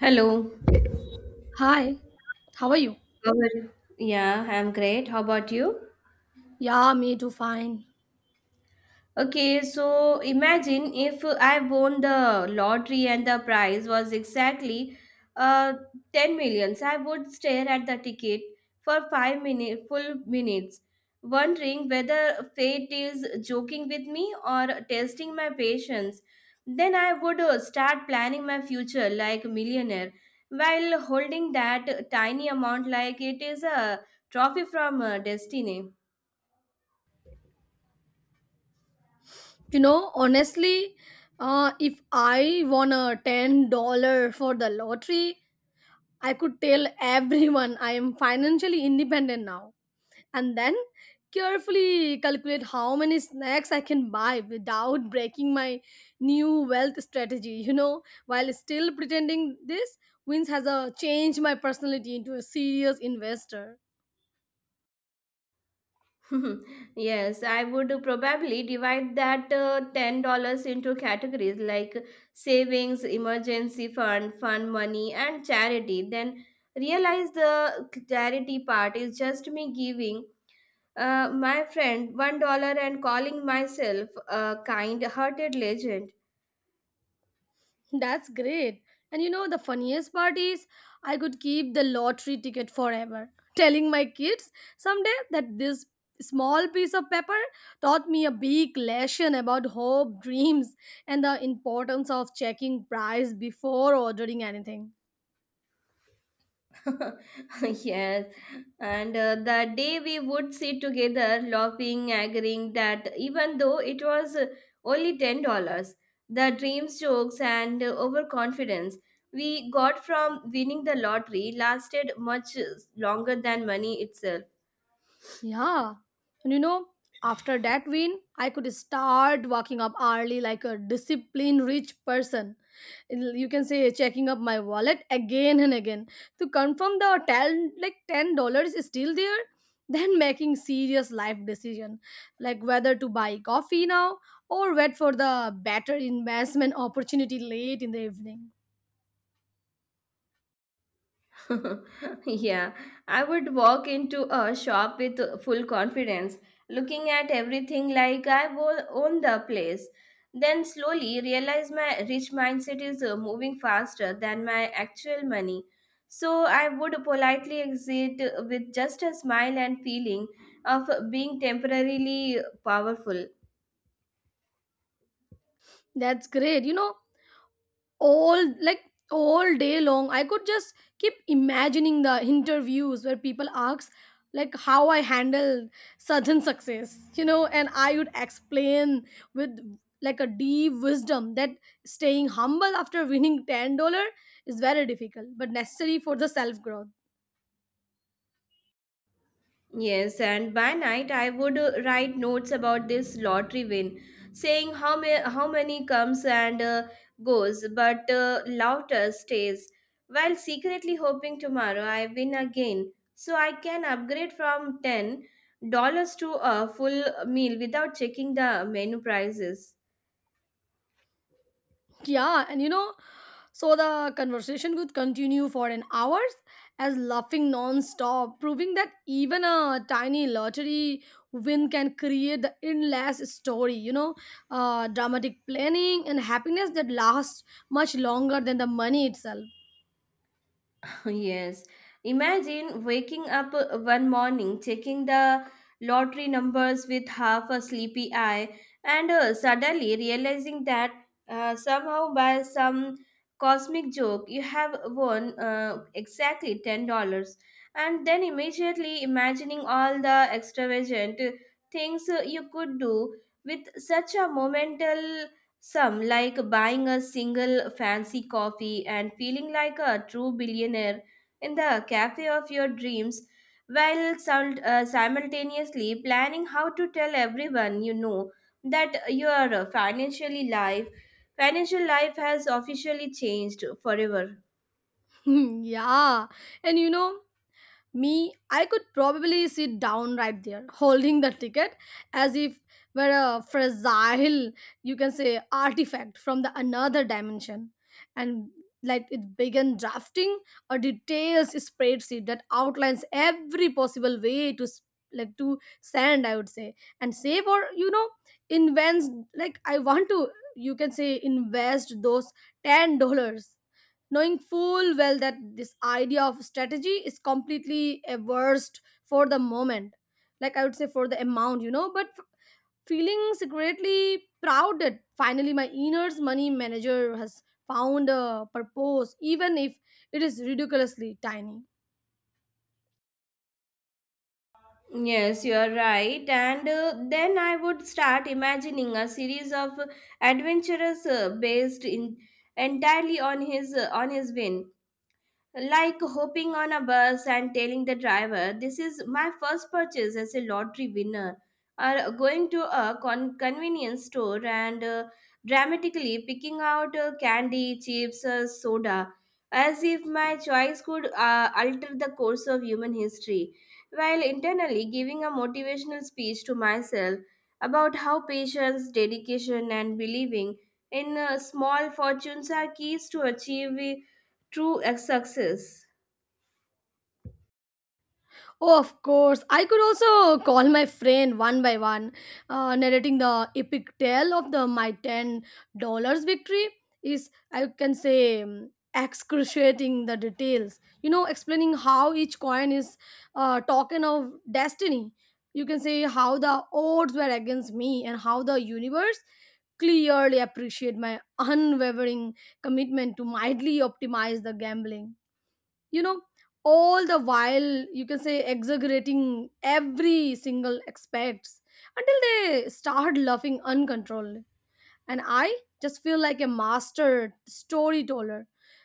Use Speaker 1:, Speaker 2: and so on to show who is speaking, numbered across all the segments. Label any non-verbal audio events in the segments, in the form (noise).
Speaker 1: Hello.
Speaker 2: Hi, how are you?
Speaker 1: How are you? Yeah, I'm great. How about you?
Speaker 2: Yeah, me too, fine.
Speaker 1: Okay, so imagine if I won the lottery and the prize was exactly uh, 10 millions. I would stare at the ticket for 5-minute, full minutes, wondering whether fate is joking with me or testing my patience. Then I would start planning my future like a millionaire while holding that tiny amount like it is a trophy from destiny.
Speaker 2: Honestly, if I won a $10 for the lottery, I could tell (laughs) everyone I am financially independent now. And then carefully calculate how many snacks I can buy without breaking my new wealth strategy, (laughs) while still pretending this wins has changed my personality into a serious investor.
Speaker 1: (laughs) Yes, I would probably divide that $10 into categories like savings, emergency fund, fund money, and charity. Then realize the charity part is just me giving my friend $1 and calling myself a kind hearted legend.
Speaker 2: That's great. And you know, the funniest part is I could keep the lottery ticket forever, telling my kids someday that this small piece of paper taught me a big lesson about hope, dreams, and the importance of checking price before ordering anything.
Speaker 1: (laughs) Yes, and the day we would sit together, laughing, agreeing that even though it was only $10, the dreams, jokes, and overconfidence we got from winning the lottery lasted much longer than money itself.
Speaker 2: Yeah. And you know, after that win, I could start waking up early like a disciplined rich person. It You can say checking up my wallet again and again to confirm the ten, like $10 is still there. (laughs) Then making serious life decision like whether to buy coffee now or wait for the better investment opportunity late in the evening.
Speaker 1: (laughs) Yeah, I would walk into a shop with full confidence, looking at everything like own the place. Then slowly realize my rich mindset is moving faster than my actual money. So I would politely exit with just a smile and feeling of being temporarily powerful.
Speaker 2: That's great. You know, all like all day long I could just keep imagining the interviews where people ask like how I handled certain success, you know, and I would explain with like a deep wisdom that staying humble after winning $10 is very difficult but necessary for the self growth.
Speaker 1: Yes, and by night I would write notes about this lottery win, saying how many comes and goes, but laughter stays, while secretly hoping tomorrow I win again, so I can upgrade from $10 to a full meal without checking the menu prices.
Speaker 2: Yeah, and you know, so the conversation could continue for an hours as laughing non-stop, proving that even a tiny lottery win can create the endless story, dramatic planning and happiness that lasts much longer than the money itself.
Speaker 1: (laughs) Yes. Imagine waking up one morning, checking the lottery numbers with half a sleepy eye, and suddenly realizing that somehow by some cosmic joke you have won exactly $10. And then immediately imagining all the extravagant things you could do with such a momental sum, like buying a single fancy coffee and feeling like a true billionaire in the cafe of your dreams while simultaneously planning how to tell everyone you know that your financial life has officially changed forever.
Speaker 2: (laughs) Yeah, and you know, me, I could probably sit down right there, holding the ticket as if were a fragile, you can say, artifact from the another dimension, and like it began drafting a detailed spreadsheet that outlines every possible way to like to send, I would say, and save, or you know, invents, like I want to, you can say, invest those $10, knowing full well that this idea of strategy is completely averse for the moment, like I would say for the amount, you know, but feeling secretly proud that finally my inner money manager has found a purpose even if it is ridiculously tiny.
Speaker 1: Yes, you are right. And then I would start imagining a series of adventurous based in entirely on his win. Like hopping on a bus and telling the driver, "This is my first purchase as a lottery winner," or going to a convenience store and dramatically picking out candy, chips, soda, as if my choice could alter the course of human history, while internally giving a motivational speech to myself about how patience, dedication, and believing in small fortunes are keys to achieving success.
Speaker 2: Oh, of course. I could also call my friend one by one, narrating the epic tale of the my $10 victory. Is I can say excruciating the details. You know, explaining how each coin is a token of destiny. You can say how the odds were against me and how the universe clearly appreciate my unwavering commitment to mildly optimize the gambling, you know, all the while, you can say, exaggerating every single aspects until they start laughing uncontrollably, and I just feel like a master storyteller,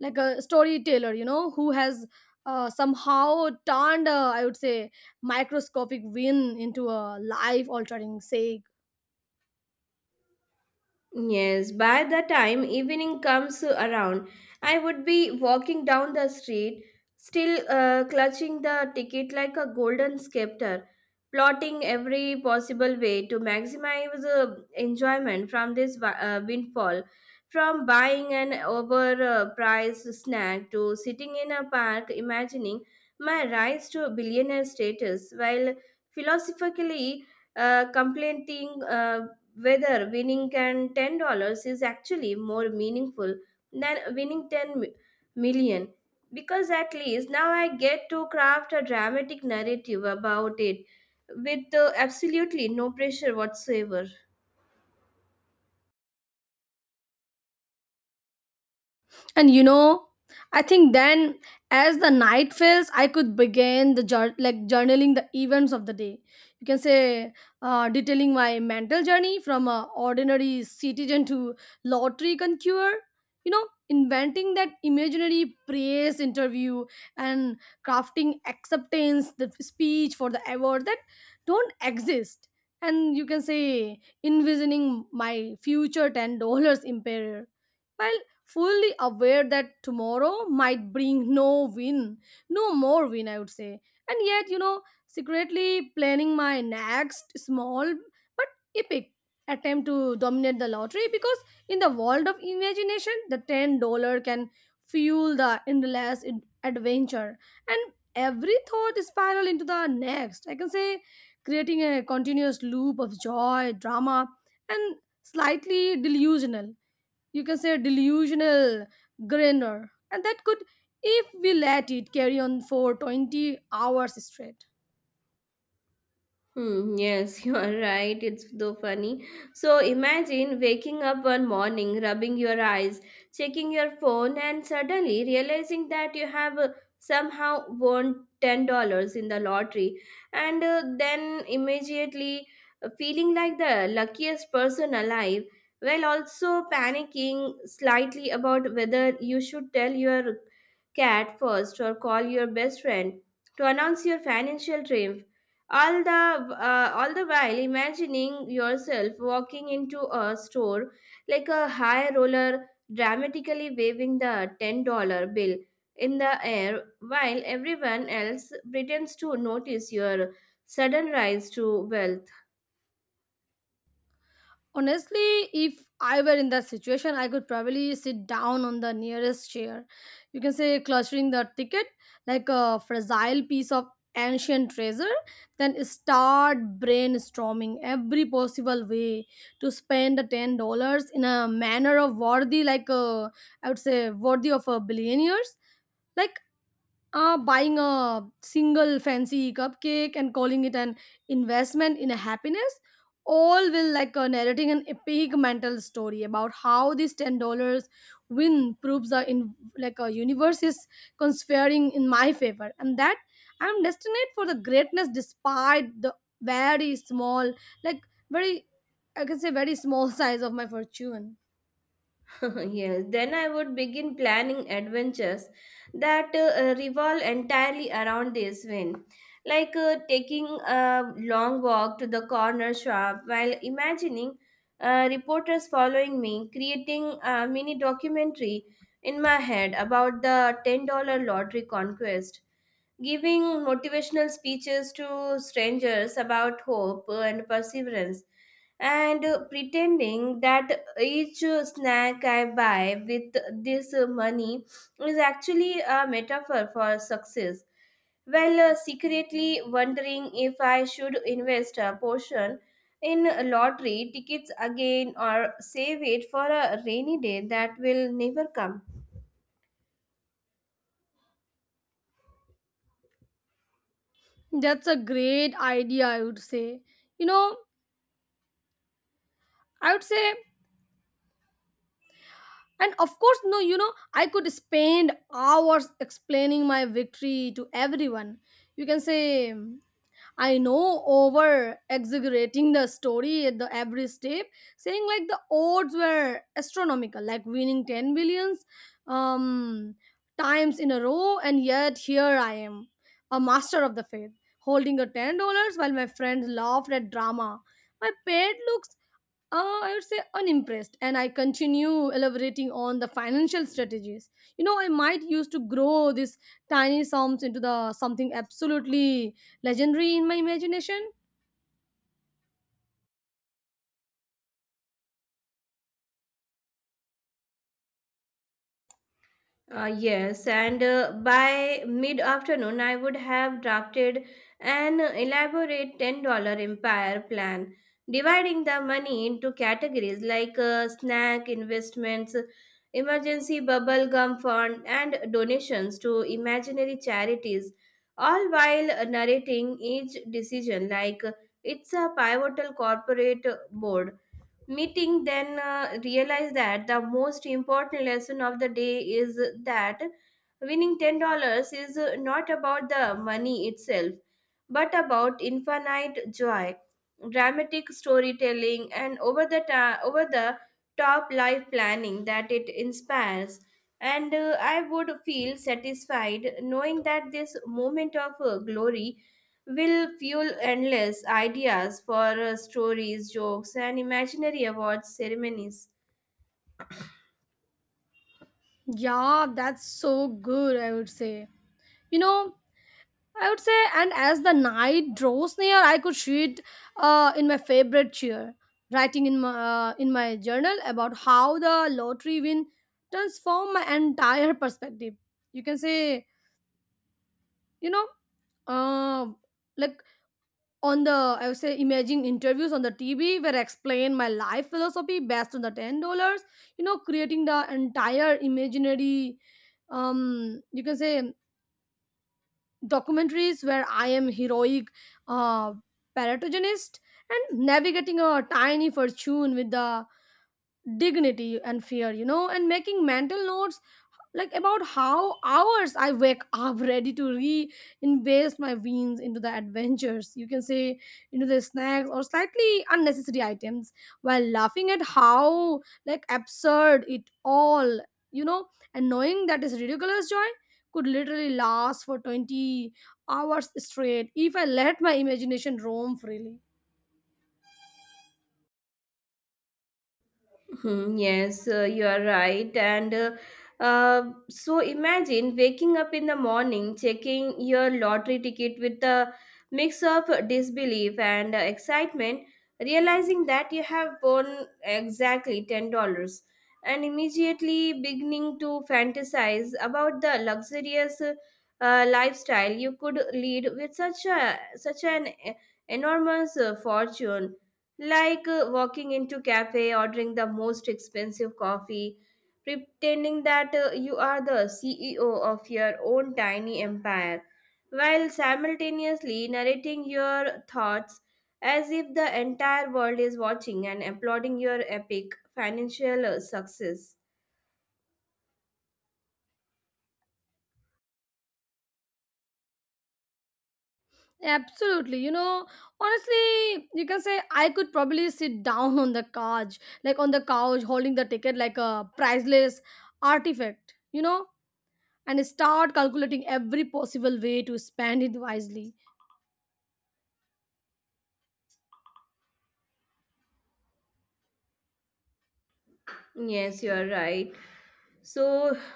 Speaker 2: like a storyteller, you know, who has somehow turned a, I would say, microscopic win into a life altering sake.
Speaker 1: Yes, by the time evening comes around, I would be walking down the street, still clutching the ticket like a golden scepter, plotting every possible way to maximize enjoyment from this windfall. From buying an overpriced snack to sitting in a park imagining my rise to billionaire status while philosophically complaining whether winning can $10 is actually more meaningful than winning million, because at least now I get to craft a dramatic narrative about it with absolutely no pressure whatsoever.
Speaker 2: And you know, I think then as the night fails, I could begin the like journaling the events of the day. You can say detailing my mental journey from a ordinary citizen to lottery conqueror. You know, inventing that imaginary praise interview and crafting acceptance, the speech for the award that don't exist. And you can say envisioning my future $10 (laughs) empire. Well, fully aware that tomorrow might bring no win, no more win, I would say. And yet, you know, secretly planning my next small but epic attempt to dominate the lottery, because in the world of imagination, the $10 can fuel the endless adventure, and every thought spiral into the next. I can say creating a continuous loop of joy, drama, and slightly delusional, you can say, delusional grandeur, and that could, if we let it, carry on for 20 hours straight.
Speaker 1: Hmm, yes, (laughs) you are right. It's so funny. So imagine waking up one morning, rubbing your eyes, checking your phone, and suddenly realizing that you have somehow won $10 in the lottery, and then immediately feeling like the luckiest person alive, while also panicking slightly about whether you should tell your cat first or call your best friend to announce your financial triumph all the all the while imagining yourself walking into a store like a high roller, dramatically waving the $10 bill in the air while everyone else pretends to notice your sudden rise to wealth.
Speaker 2: Honestly, if I were in that situation, I could probably sit down on the nearest chair, you can say clutching the ticket like a fragile piece of ancient treasure, then start brainstorming every possible way to spend the $10 in a manner of worthy like a, I would say, worthy of a billionaires, like buying a single fancy cupcake and calling it an investment in a happiness. All will like narrating an epic mental story about how this $10 win proves the in like a universe is conspiring in my favor and that I'm destined for the greatness despite the very small like very I can say very small (laughs) size of my fortune.
Speaker 1: (laughs) Yes, then I would begin planning adventures that revolve entirely around this win. Like taking a long walk to the corner shop while imagining reporters following me, creating a mini documentary in my head about the $10 lottery conquest, giving motivational speeches to strangers about hope and perseverance, and pretending that each snack I buy with this money is actually a metaphor for success. While secretly wondering if I should invest a portion in lottery tickets again or save it for a rainy day that will never come.
Speaker 2: That's a great idea I would say you know I would say And of course, no, you know, I could spend hours explaining my victory to everyone. You can say, I know, over exaggerating the story at the every step, saying like the odds were astronomical, like winning 10 billions um, times in a row, and yet here I am, a master of the faith, holding a $10 while my friends laughed at drama. My pet looks I would say unimpressed, and I continue elaborating on the financial strategies. You know, I might use to grow these tiny sums into the something absolutely legendary in my imagination.
Speaker 1: Yes, and by mid afternoon, I would have drafted an elaborate $10 empire plan, dividing the money into categories like snack, investments, emergency bubble gum fund, and donations to imaginary charities, all while narrating each decision like it's a pivotal corporate board meeting. Then realized that the most important lesson of the day is that winning $10 is not about the money itself but about infinite joy, dramatic storytelling, and over the top life planning that it inspires. And I would feel satisfied knowing that this moment of glory will fuel endless ideas for stories, jokes, and imaginary awards ceremonies.
Speaker 2: Yeah, that's so good. You know, I would say, and as the night draws near, I could sit in my favorite chair, writing in my journal about how the lottery win transformed my entire perspective. You can say, you know, uh, like on the, I would say, imaging interviews on the TV where I explain my life philosophy based on the $10, you know, creating the entire imaginary, you can say, documentaries where I am heroic, uh paratogenist, and navigating a tiny fortune with the dignity and fear, you know, and making mental notes like about how hours I wake up (laughs) ready to reinvest my wins into the adventures, you can say, into the snacks or slightly unnecessary items, while laughing at how like absurd it all, you know, and knowing that this ridiculous joy could literally last for 20 hours straight if I let my imagination roam freely.
Speaker 1: Hmm, yes, you are right. And so imagine waking up in the morning, checking your lottery ticket with a mix of disbelief and excitement, realizing that you have won exactly $10, and immediately beginning to fantasize about the luxurious lifestyle you could lead with such an enormous fortune, like walking into cafe, ordering the most expensive coffee, pretending that you are the ceo of your own tiny empire, while simultaneously narrating your thoughts as if the entire world is watching and applauding your epic financial success.
Speaker 2: Absolutely. You know, honestly, you can say I could probably sit (laughs) down on the couch, like on the couch, holding the ticket like a priceless artifact, you know, and start calculating every possible way to spend it wisely.
Speaker 1: Yes, you are right. So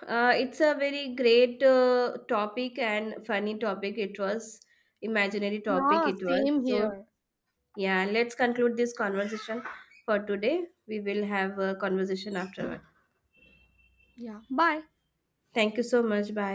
Speaker 1: it's a very great topic, and funny topic it was, imaginary topic
Speaker 2: Yeah,
Speaker 1: it was.
Speaker 2: same
Speaker 1: So,
Speaker 2: here.
Speaker 1: yeah, let's conclude this conversation for today. We will have a conversation afterward.
Speaker 2: Yeah, bye.
Speaker 1: Thank you so much. Bye.